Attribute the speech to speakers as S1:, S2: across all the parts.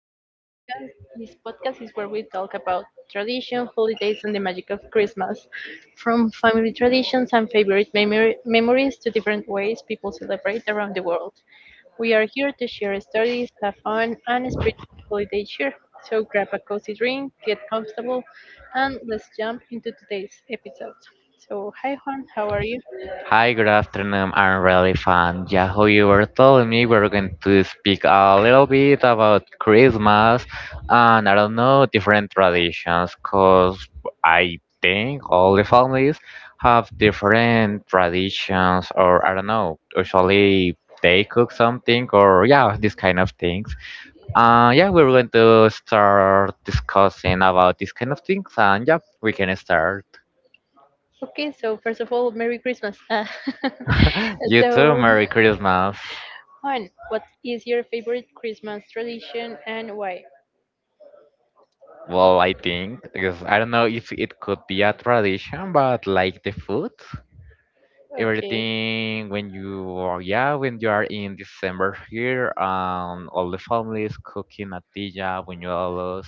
S1: to our podcast. This podcast is where we talk about tradition, holidays, and the magic of Christmas. From family traditions and favorite memories to different ways people celebrate around the world. We are here to share stories, have fun, and spread some holiday cheer. So, grab a cozy drink, get comfortable, and let's jump into today's episode. So, hi Juan, how are you?
S2: Hi, good afternoon. I'm really fun. Yeah, who you were telling me we're going to speak a little bit about Christmas and I don't know different traditions because I think all the families have different traditions or I don't know. Usually they cook something or yeah, this kind of things. Yeah, we're going to start discussing about this kind of things and yeah, we can start.
S1: Okay, so first of all, Merry Christmas.
S2: You too.
S1: So,
S2: Merry Christmas.
S1: Juan, what is your favorite Christmas tradition and why?
S2: Well, I think because I don't know if it could be a tradition, but like the food,
S1: Okay,
S2: everything when you are, yeah, when you are in December here, all the families cooking natilla, buñuelos,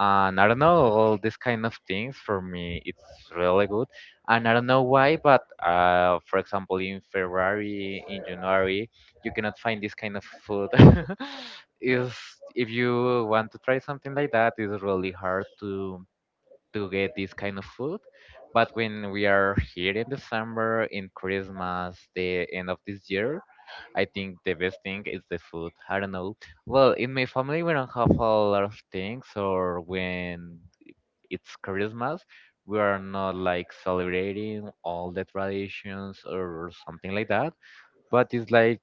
S2: and I don't know all these kind of things for me it's really good and I don't know why but for example in February in January you cannot find this kind of food is if you want to try something like that it's really hard to get this kind of food but when we are here in December in Christmas the end of this year I think the best thing is the food. I don't know. Well, in my family, we don't have a lot of things, or when it's Christmas, we are not like celebrating all the traditions or something like that. But it's like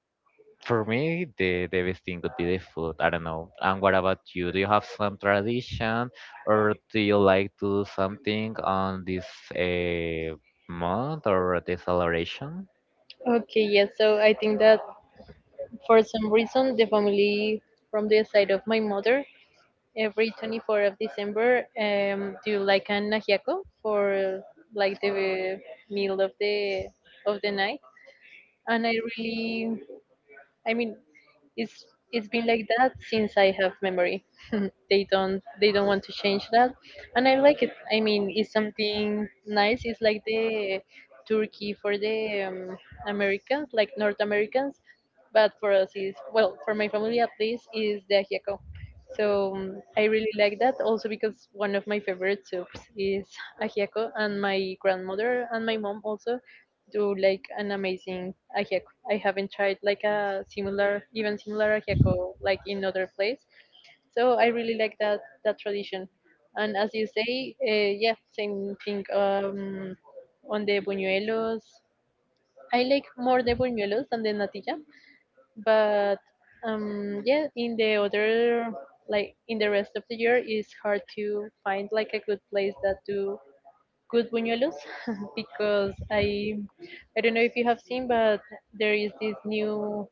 S2: for me, the best thing would be the food. I don't know. And what about you? Do you have some tradition, or do you like to do something on this uh, month or the celebration?
S1: okay, yes. So I think that for some reason, the family from the side of my mother, every 24th of December, do like an ajiaco for like the meal of the night. And I mean, it's it's been like that since I have memory. They don't want to change that, and I like it. I mean, it's something nice. It's like the turkey for the Americans, like North Americans, but for us is, well, for my family at least, is the ajiaco. So I really like that also because one of my favorite soups is ajiaco, and my grandmother and my mom also do like an amazing ajiaco. I haven't tried like a similar, even similar ajiaco like in other place. So I really like that tradition. And as you say, yeah, same thing, on the buñuelos. I like more the buñuelos than the natilla, but yeah, in the other like in the rest of the year, it's hard to find like a good place that do good buñuelos because I don't know if you have seen, but there is this new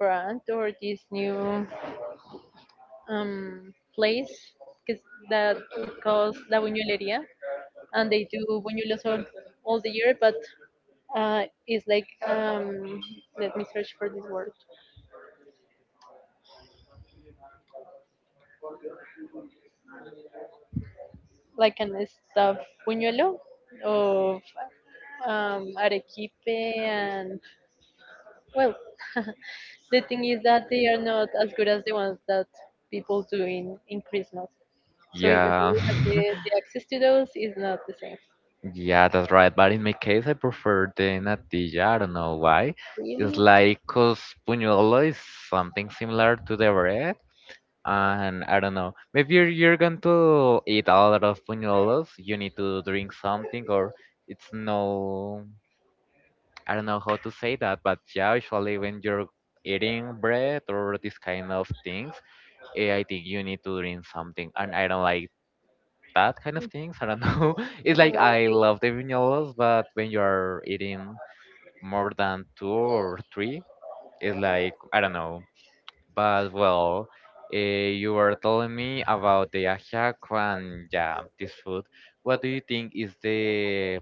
S1: brand or this new place 'cause that it calls La Buñuelería, and they do buñuelos all the year, but uh, it's like, let me search for this word, like an stuffed buñuelo of arequipe and, well, the thing is that they are not as good as the ones that people do in Christmas, so even though
S2: Yeah.
S1: we have the access to those, it's not the same.
S2: Yeah, that's right. But in my case, I prefer the natilla. I don't know why. It's
S1: Really.
S2: like because puñuelo is something similar to the bread. And I don't know. Maybe you're going to eat a lot of puñuelos. You need to drink something, or it's no. I don't know how to say that. But yeah, usually when you're eating bread or this kind of things, I think you need to drink something. And I don't like that kind of things. I don't know. It's
S1: Uh,
S2: like I love the vinyolas, but when you're eating more than two or three, it's like I don't know. But well, you were telling me about the ajiaco and yeah, this food. What do you think is the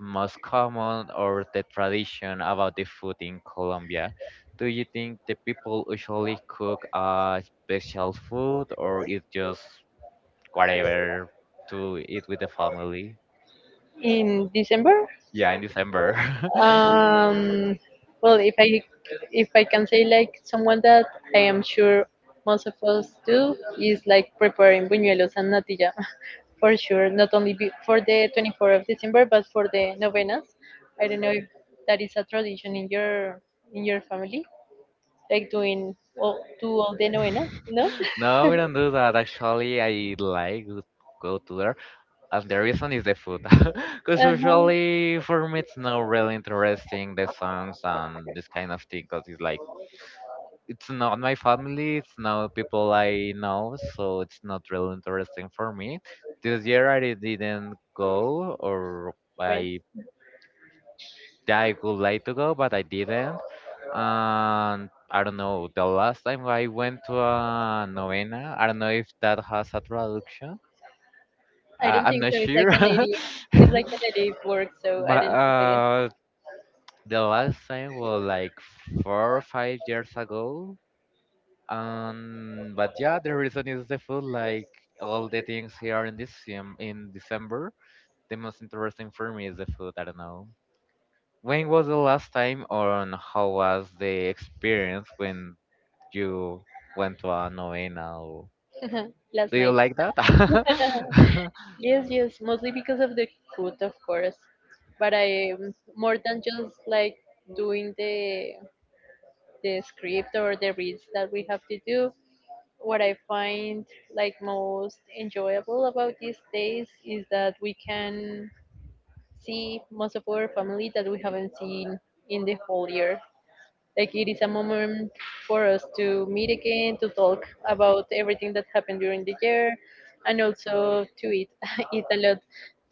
S2: most common or the tradition about the food in Colombia? Do you think the people usually cook a special food or it's just whatever to eat with the family?
S1: in December.
S2: Yeah, in December.
S1: Um, well, if I can say like someone that I am sure most of us do is like preparing buñuelos and natilla for sure. Not only for the 24th of December, but for the novenas. I don't know if that is a tradition in your family, like doing all the novenas. No.
S2: No, we don't do that. Actually, I like to go to there, and the reason is the food. Because
S1: Uh-huh.
S2: usually for me it's not really interesting the songs and this kind of thing. Because it's like it's not my family, it's not people I know, so it's not really interesting for me. This year I didn't go, or
S1: Well,
S2: I that I would like to go, but I didn't. And I don't know, the last time I went to a novena, I don't know if that has a traduction.
S1: I don't
S2: I'm
S1: think
S2: not
S1: so. It's like
S2: sure.
S1: a native. It's like a native word, so I
S2: But
S1: don't think so.
S2: the last time was like 4 or 5 years ago. But yeah, the reason is the food. Like all the things here in this in December, the most interesting for me is the food. I don't know. When was the last time or on how was the experience when you went to a novena? Or...
S1: Yes. Last
S2: Do you
S1: night.
S2: like that?
S1: Yes, yes. Mostly because of the food, of course. But I, more than just like doing the script or the reads that we have to do. What I find like most enjoyable about these days is that we can see most of our family that we haven't seen in the whole year. Like it is a moment for us to meet again, to talk about everything that happened during the year, and also to eat eat a lot.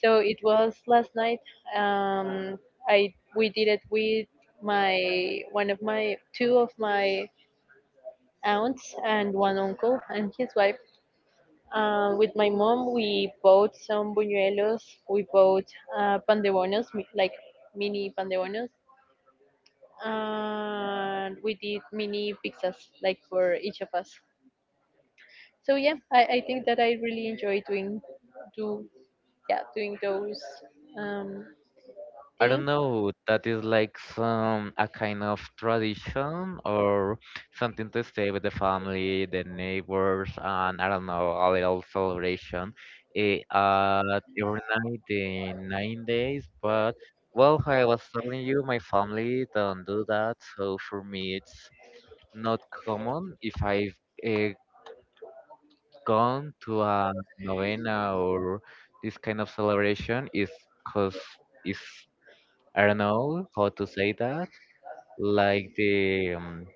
S1: So it was last night. Um, I we did it with my one of my two of my aunts and one uncle and his wife, with my mom. We bought some buñuelos. We bought pandebonos, like mini pandebonos, and we did mini pizzas, like for each of us. So yeah, I think that I really enjoy doing, do yeah, doing those um,
S2: I don't
S1: things,
S2: know. That is like some a kind of tradition or something to stay with the family, the neighbors, and I don't know, a little celebration. It, uh, every night, the 9 days, but well, I was telling you, my family don't do that, so for me it's not common if I've uh, gone to a novena or this kind of celebration is because it's I don't know how to say that like the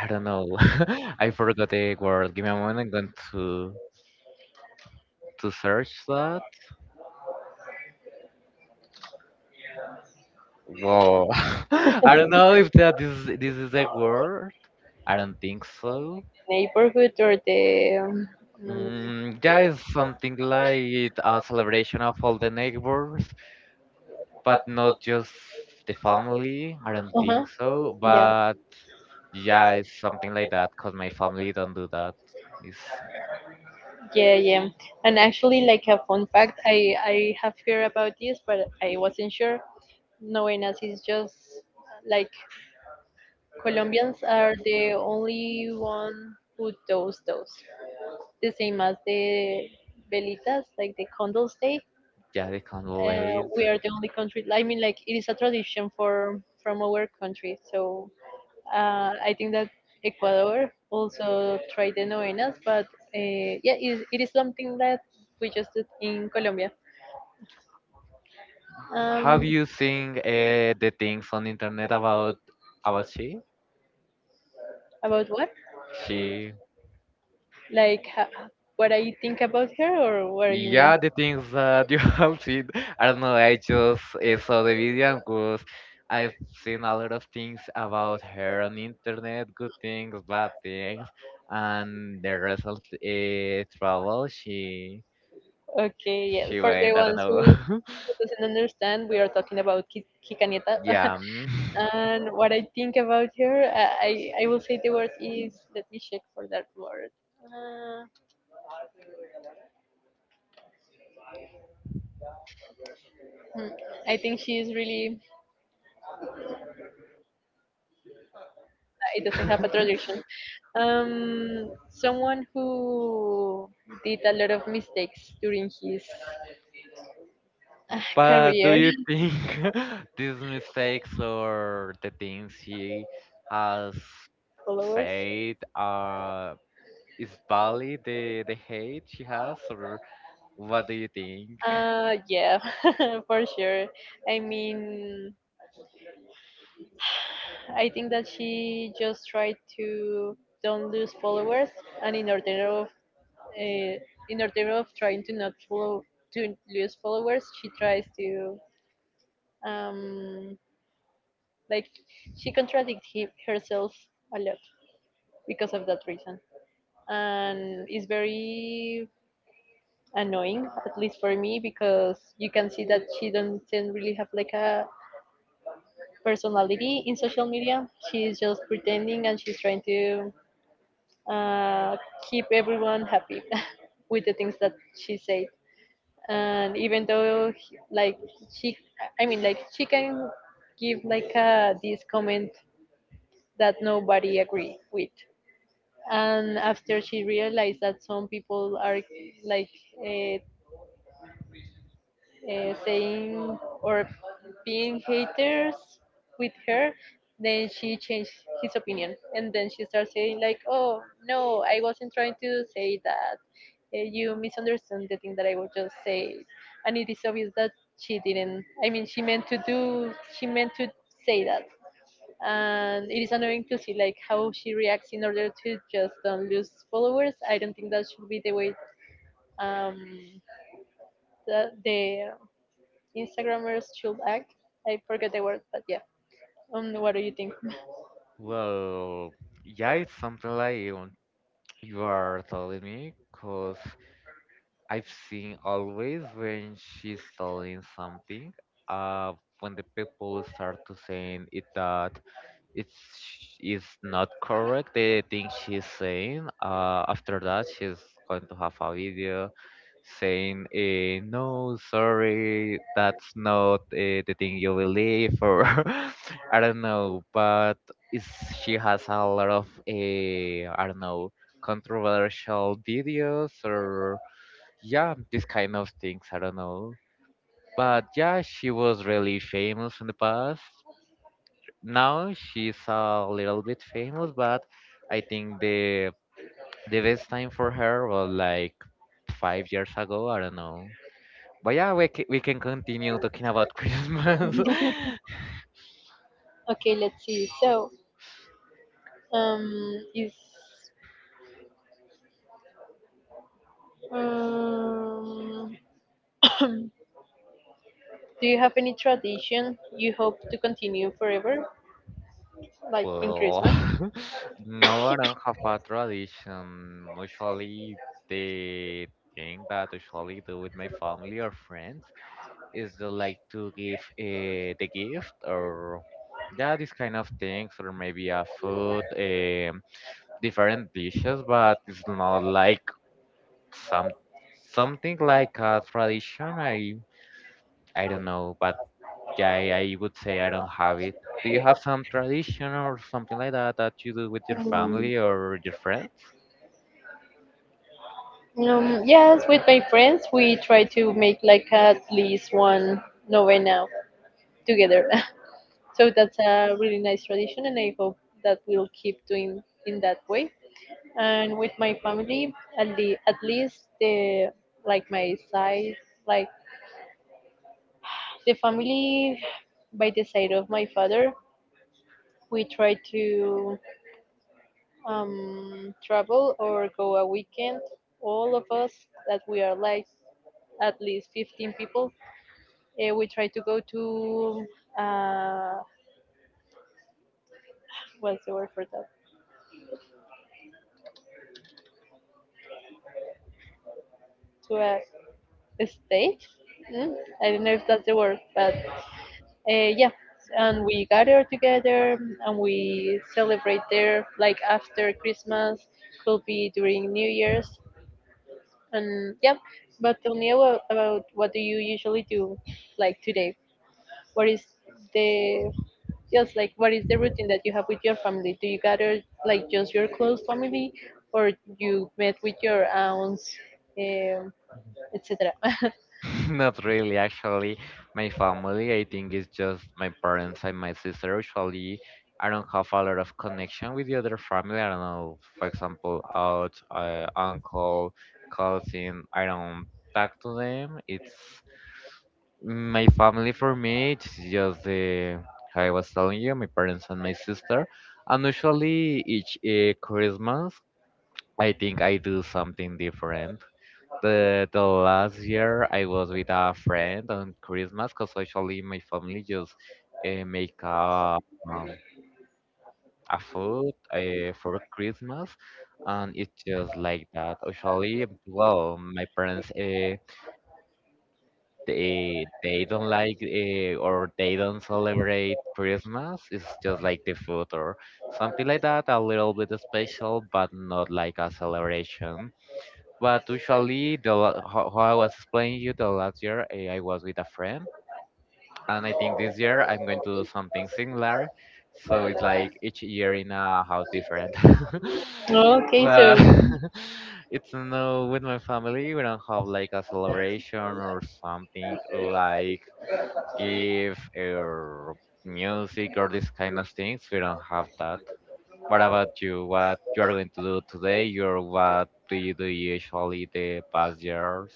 S2: I don't know I forgot the word give me a moment I'm going to search that whoa I don't know if that is this is a word I don't think so.
S1: neighborhood, or the, mm,
S2: Yeah, it's something like a celebration of all the neighbors but not just the family. I don't
S1: uh-huh.
S2: think so.
S1: Yeah,
S2: But yeah, it's something like that because my family don't do that. It's,
S1: yeah, yeah. And actually, like a fun fact, I have heard about this, but I wasn't sure. Novenas is just like Colombians are the only one who does those. The same as the velitas, like the candles day.
S2: yeah, they can't relate.
S1: We are the only country. I mean, like it is a tradition for from our country. So I think that Ecuador also tried the novenas, but yeah, it is something that we just did in Colombia.
S2: Have
S1: Um,
S2: you seen the things on internet about she?
S1: about what?
S2: She
S1: Like, what I think about her, or what you mean?
S2: Yeah, the things that you have seen. I don't know. I just saw the video because I've seen a lot of things about her on internet, good things, bad things, and the result trouble. She
S1: Okay, yes.
S2: she
S1: For the
S2: went. I don't
S1: ones
S2: know.
S1: who, who doesn't understand, we are talking about Kikaneta.
S2: Yeah. Mm.
S1: And what I think about her, I will say the word is, let me check for that word. Uh, hmm, I think she is really, it doesn't have a traduction. Um, Someone who did a lot of mistakes during his
S2: But do
S1: career.
S2: you think these mistakes or the things she has
S1: Followers?
S2: said is valid the hate she has or what do you think?
S1: Yeah, for sure. I mean, I think that she just tried to don't lose followers, and in order of, uh, trying to not follow to lose followers, she tries to, um, like, she contradicts herself a lot because of that reason, and it's very annoying, at least for me, because you can see that she doesn't really have like a personality in social media. She's just pretending, and she's trying to uh, keep everyone happy with the things that she said. And even though, like, she, I mean, like she can give like this comment that nobody agree with. And after she realized that some people are like, uh, saying or being haters with her, then she changed his opinion, and then she starts saying, like, "Oh, no, I wasn't trying to say that. You misunderstood the thing that I was just saying." And it is obvious that she didn't, I mean, she meant to say that, and it is annoying to see like how she reacts in order to just don't lose followers. I don't think that should be the way, um the, Instagrammers should act. I forget the word, but yeah. What do you think?
S2: Well, yeah, it's something like you are telling me, because I've seen always when she's telling something, uh, when the people start to saying it that it's is not correct the thing she's saying after that she's going to have a video saying no sorry that's not the thing you believe or I don't know but it's, she has a lot of I don't know controversial videos or yeah this kind of things I don't know but yeah she was really famous in the past now she's a little bit famous, but I think the best time for her was like 5 years ago. I don't know. But yeah, we can continue talking about Christmas.
S1: Okay, let's see. So, um, is um, do you have any tradition you hope to continue forever, like in
S2: Well,
S1: Christmas?
S2: no, I don't have a tradition. Usually, the thing that usually do with my family or friends is they like to give the gift or yeah, these kind of things, or maybe a food. Different dishes, but it's not like some something like a tradition. I don't know, but yeah, I would say I don't have it. Do you have some tradition or something like that that you do with your
S1: Um,
S2: family or your friends?
S1: yes, with my friends, we try to make like at least one novena together. So that's a really nice tradition, and I hope that we'll keep doing in that way. And with my family, at least the like my side like the family by the side of my father, we try to travel or go a weekend, all of us, that we are like at least 15 people. We try to go to, uh, what's the word for that, to a state, mm? I don't know if that's the word, but yeah, and we gather together and we celebrate there, like after Christmas, could be during New Year's, and yeah. But tell me about, what do you usually do, like, today? What is the what is the routine that you have with your family? Do you gather, like, just your close family, or you met with your aunts, um, etc.
S2: Not really, actually. My family, I think, is just my parents and my sister. Usually, I don't have a lot of connection with the other family. I don't know, for example, aunt, uncle, cousin. I don't talk to them. It's my family for me. It's just the how I was telling you, my parents and my sister. And usually, each Christmas, I think I do something different. The last year I was with a friend on Christmas because usually my family just make a um, a food for Christmas, and it's just like that. Usually, well, my parents they don't like or they don't celebrate Christmas. It's just like the food or something like that, a little bit special, but not like a celebration. But usually, how I was explaining you the last year, I was with a friend, and I think this year I'm going to do something similar. So it's like each year in a house different.
S1: okay,
S2: But
S1: so
S2: it's no with my family. We don't have like a celebration or something like gift or music or these kind of things. We don't have that. What about you? What you are going to do today? Or what do you do usually the past years?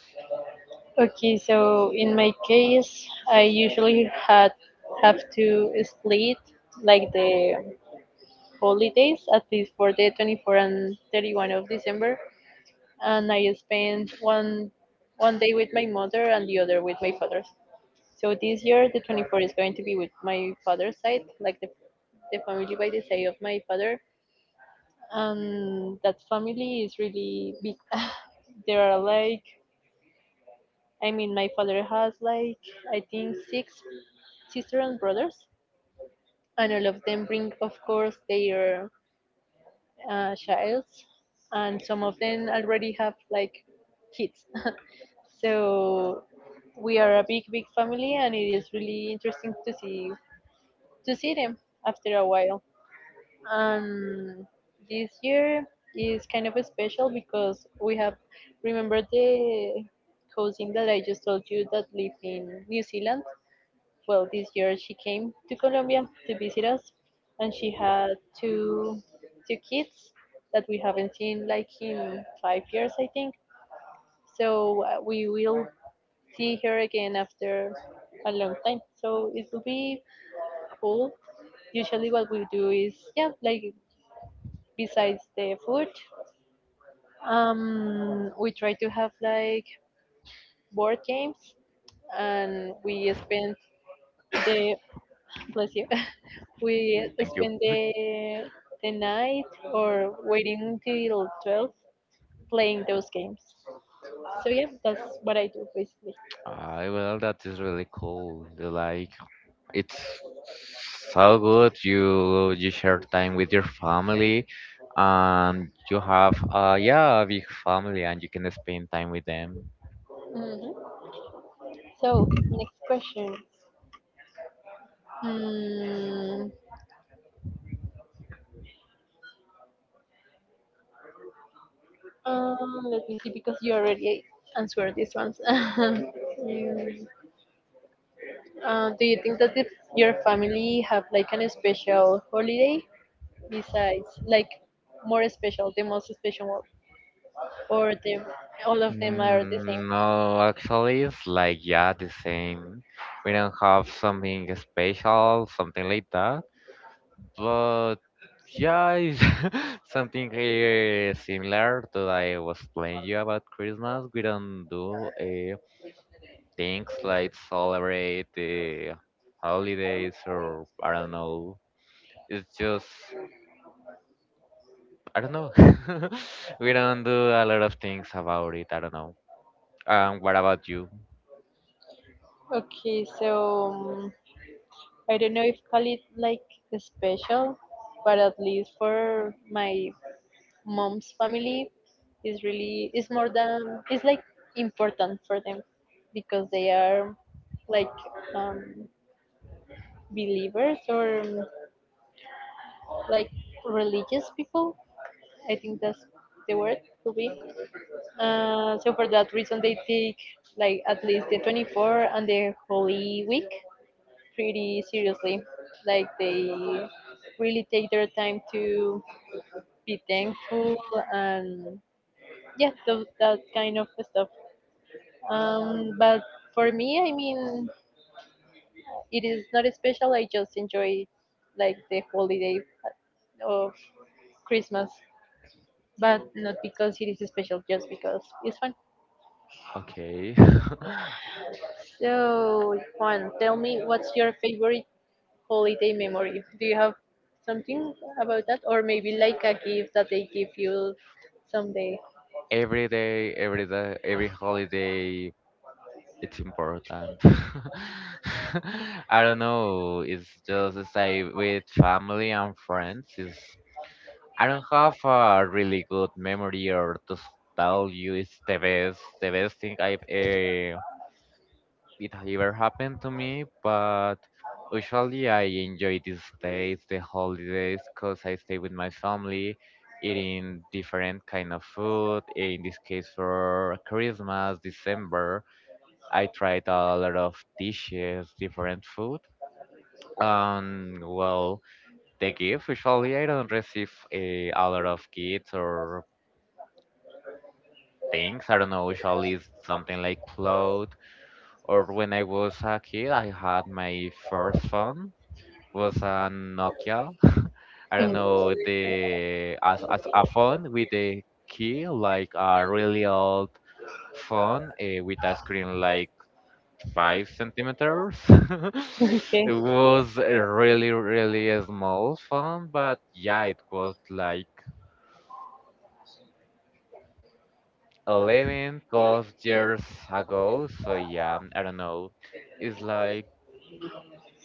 S1: Okay, so in my case, I usually had have to split like the holidays at least for the 24 and 31 of December, and I spent one day with my mother and the other with my father. So this year, the 24 is going to be with my father's side, like the family by the side of my father, and that family is really big. there are like I mean, my father has like, I think, six sister and brothers, and all of them bring, of course, their childs, and some of them already have like kids. So we are a big, big family, and it is really interesting to see them after a while. And this year is kind of special because we have remembered the cousin that I just told you that lived in New Zealand. Well, this year she came to Colombia to visit us, and she had two two kids that we haven't seen like in 5 years, I think. So we will see her again after a long time. So it will be cool. Usually, what we do is, yeah, like, besides the food, we try to have like board games, and we spend the bless you. We
S2: Thank you.
S1: spend
S2: Good.
S1: the night, or waiting until 12 playing those games. So yeah, that's what I do basically.
S2: Ah, well, that is really cool. The, Like, it's so good. You share time with your family, and you have a big family, and you can spend time with them.
S1: hmm So next question. Mm, um, Let me see, because you already answered these ones. Mm, do you think that, if your family have like an special holiday, besides like, the most special one, or the all of them are the same?
S2: No, actually, it's like yeah the same. We don't have something special, something like that. But yeah, it's something similar to that I was telling you about Christmas. We don't do things like celebrate the holidays or I don't know. It's just I don't know. We don't do a lot of things about it. I don't know. What about you?
S1: Okay, so I don't know if call it like special, but at least for my mom's family, is really is more than it's like important for them, because they are like, um, believers, or like religious people. I think that's the word to be. So for that reason, they take like at least the 24th and the Holy Week pretty seriously. Like they really take their time to be thankful and yeah, those, that kind of stuff. But for me, I mean, it is not special. I just enjoy like the holiday of Christmas, but not because it is special, just because it's fun.
S2: Okay.
S1: So Juan, tell me what's your favorite holiday memory. Do you have something about that, or maybe like a gift that they give you someday?
S2: Every day, every day, every holiday, it's important. I don't know. It's just as I with family and friends. Is I don't have a really good memory or to tell you it's the best, thing I've it ever happened to me. But usually I enjoy these days, the holidays, cause I stay with my family. Eating different kind of food. In this case, for Christmas, December, I tried a lot of dishes, different food. Well, the gift usually I don't receive a lot of gifts or things. I don't know, usually it's something like clothes. Or when I was a kid, I had my first phone was a Nokia. I don't know the as a phone with a key like a really old phone with a screen like 5 centimeters.
S1: Mm. Okay.
S2: It was a really, really a small phone, but yeah, it was like 11, 12 years ago. So yeah, I don't know. It's like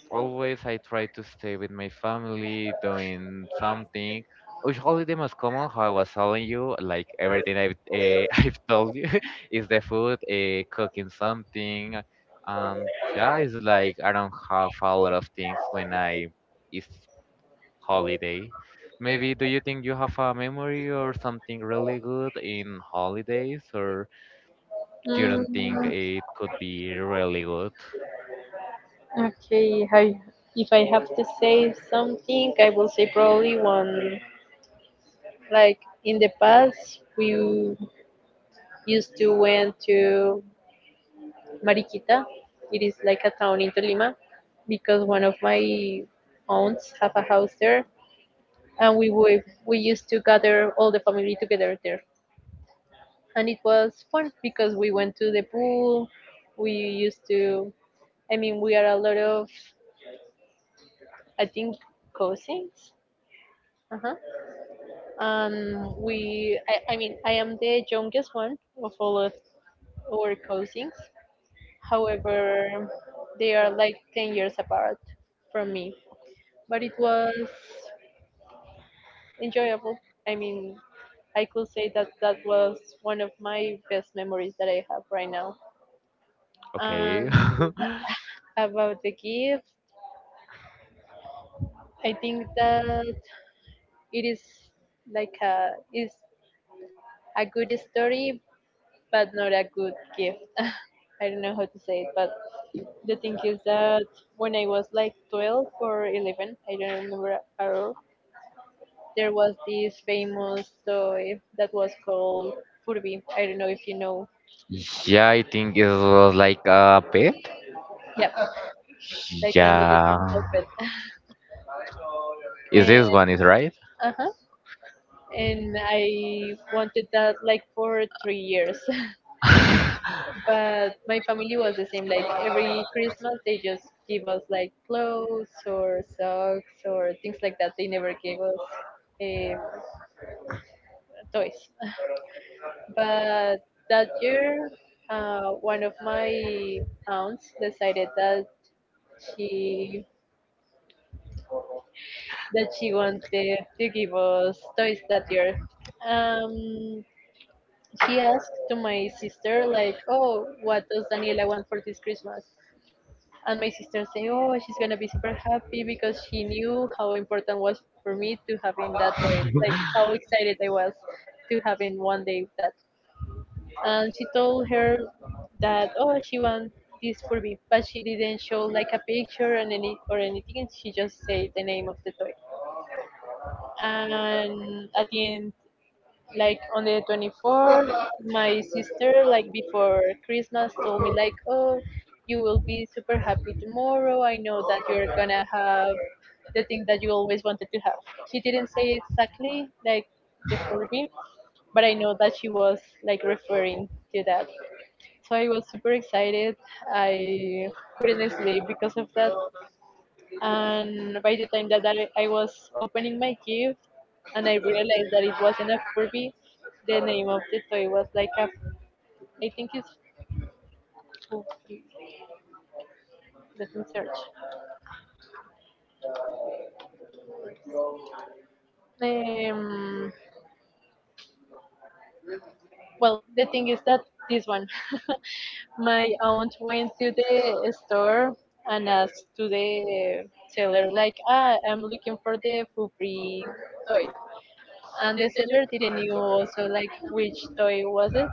S2: always I try to stay with my family doing something. Usually the most common, how I was telling you, like everything I've I've told you, is the food, cooking something. Um, yeah, it's like I don't have a lot of things when I it's holiday. Maybe do you think you have a memory or something really good in holidays, or you don't think
S1: Mm,
S2: it could be really good?
S1: okay. I, if I have to say something, I will say probably one. Like in the past, we used to went to Mariquita. It is like a town in Tolima because one of my aunts have a house there, and we used to gather all the family together there, and it was fun because we went to the pool. We used to, I mean, we are a lot of, I think, cousins. Uh-huh. I mean I am the youngest one of all of our cousins, however they are like 10 years apart from me, but it was enjoyable. I mean, I could say that was one of my best memories that I have right now.
S2: Okay.
S1: And about the gift, I think that it is like a is a good story, but not a good gift. I don't know how to say it, but the thing is that when I was like 12 or 11, I don't remember at all. There was this famous toy that was called Furby. I don't know if you know.
S2: Yeah, I think it was like a pet.
S1: Yeah, like an
S2: Yeah,
S1: electrical pet.
S2: is this
S1: And,
S2: one is right?
S1: uh-huh. And I wanted that like for three years. But my family was the same. Like every christmas they just give us like clothes or socks or things like that. They never gave us um, toys. But that year, one of my aunts decided that she she wanted to give us toys that year. um, she asked to my sister like, oh, what does daniela want for this christmas? And my sister saying, "Oh, she's gonna be super happy," because she knew how important was for me to having that toy. Like how excited I was to having one day that. And she told her that, "Oh, she wants this for me," but she didn't show like a picture and any or anything. She just said the name of the toy. And at the end, like on the 24th, my sister like before christmas told me like, oh, you will be super happy tomorrow. I know that you're gonna have the thing that you always wanted to have. She didn't say exactly like the furby, but I know that she was like referring to that. So I was super excited. I couldn't sleep because of that. And by the time that I was opening my gift and I realized that it wasn't a Furby. The name of the toy was like a, I think it's Furby. Let me search. Um, well, the thing is that this one, my aunt went to the store and asked to the seller, like, ah, I'm looking for the Furby toy. And the seller didn't know also like which toy was it.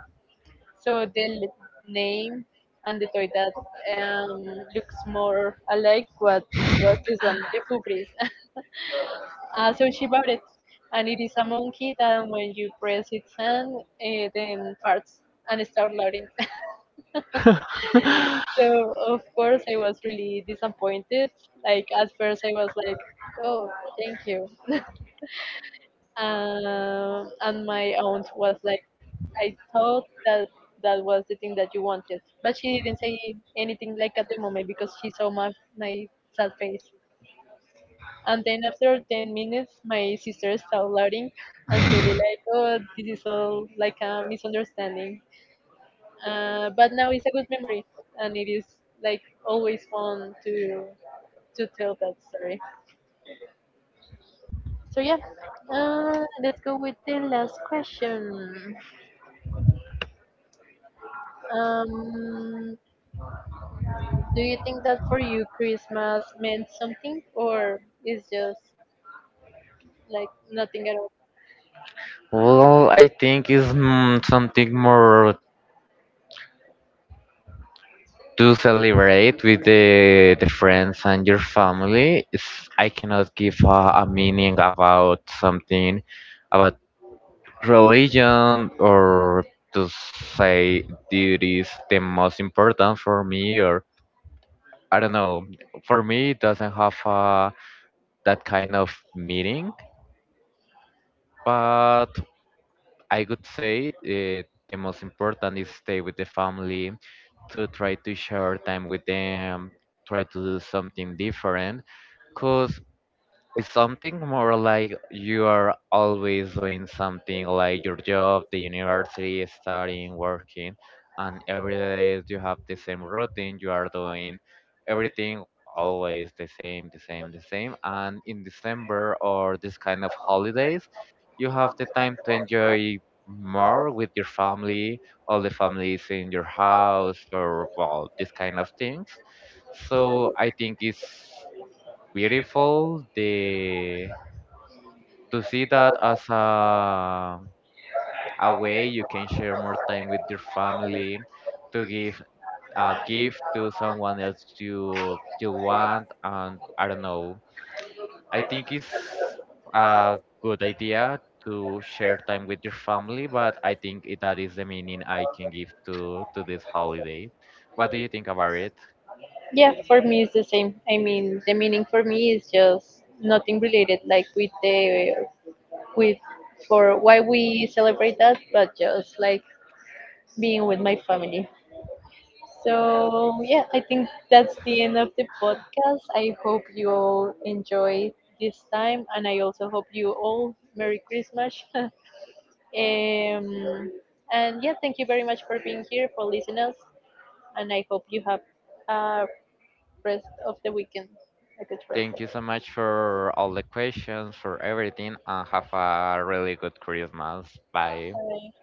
S1: So the l- Name and the toy that um, looks more alike what was this one, the Fubris. So she bought it, and it is a monkey that when you press its hand, it then farts and start louding. So of course I was really disappointed. Like at first I was like, oh, thank you. And my aunt was like, I thought that that was the thing that you wanted. But she didn't say anything like at the moment because she saw my sad face. And then after 10 minutes, my sister started laughing and said like, "Oh, this is all like a misunderstanding." But now it's a good memory, and it is like always fun to tell that story. So yeah, let's go with the last question. Um, Do you think that for you Christmas meant something, or is just like nothing at all?
S2: Well, I think it's something more to celebrate with the friends and your family. It's, I cannot give a meaning about something about religion or to say it is the most important for me or I don't know. For me, it doesn't have that kind of meaning. But I would say the most important is stay with the family, to try to share time with them, try to do something different. Because it's something more like you are always doing something like your job, the university, studying, working, and every day you have the same routine, you are doing everything always the same, the same, the same. And in December or this kind of holidays, you have the time to enjoy more with your family, all the families in your house, or well, this kind of things. So I think it's beautiful the to see that as a way you can share more time with your family to give a gift to someone else you want and I don't know. I think it's a good idea to share time with your family, but I think it, that is the meaning I can give to this holiday. What do you think about it?
S1: Yeah, for me it's the same. I mean, the meaning for me is just nothing related like with the with for why we celebrate that, but just like being with my family. So yeah, I think that's the end of the podcast. I hope you all enjoy this time, and I also hope you all Merry Christmas. Um, and yeah, thank you very much for being here, for listening us, and I hope you have a rest of the weekend, a good rest.
S2: Thank you so much for all the questions, for everything, and have a really good Christmas. Bye.
S1: Bye.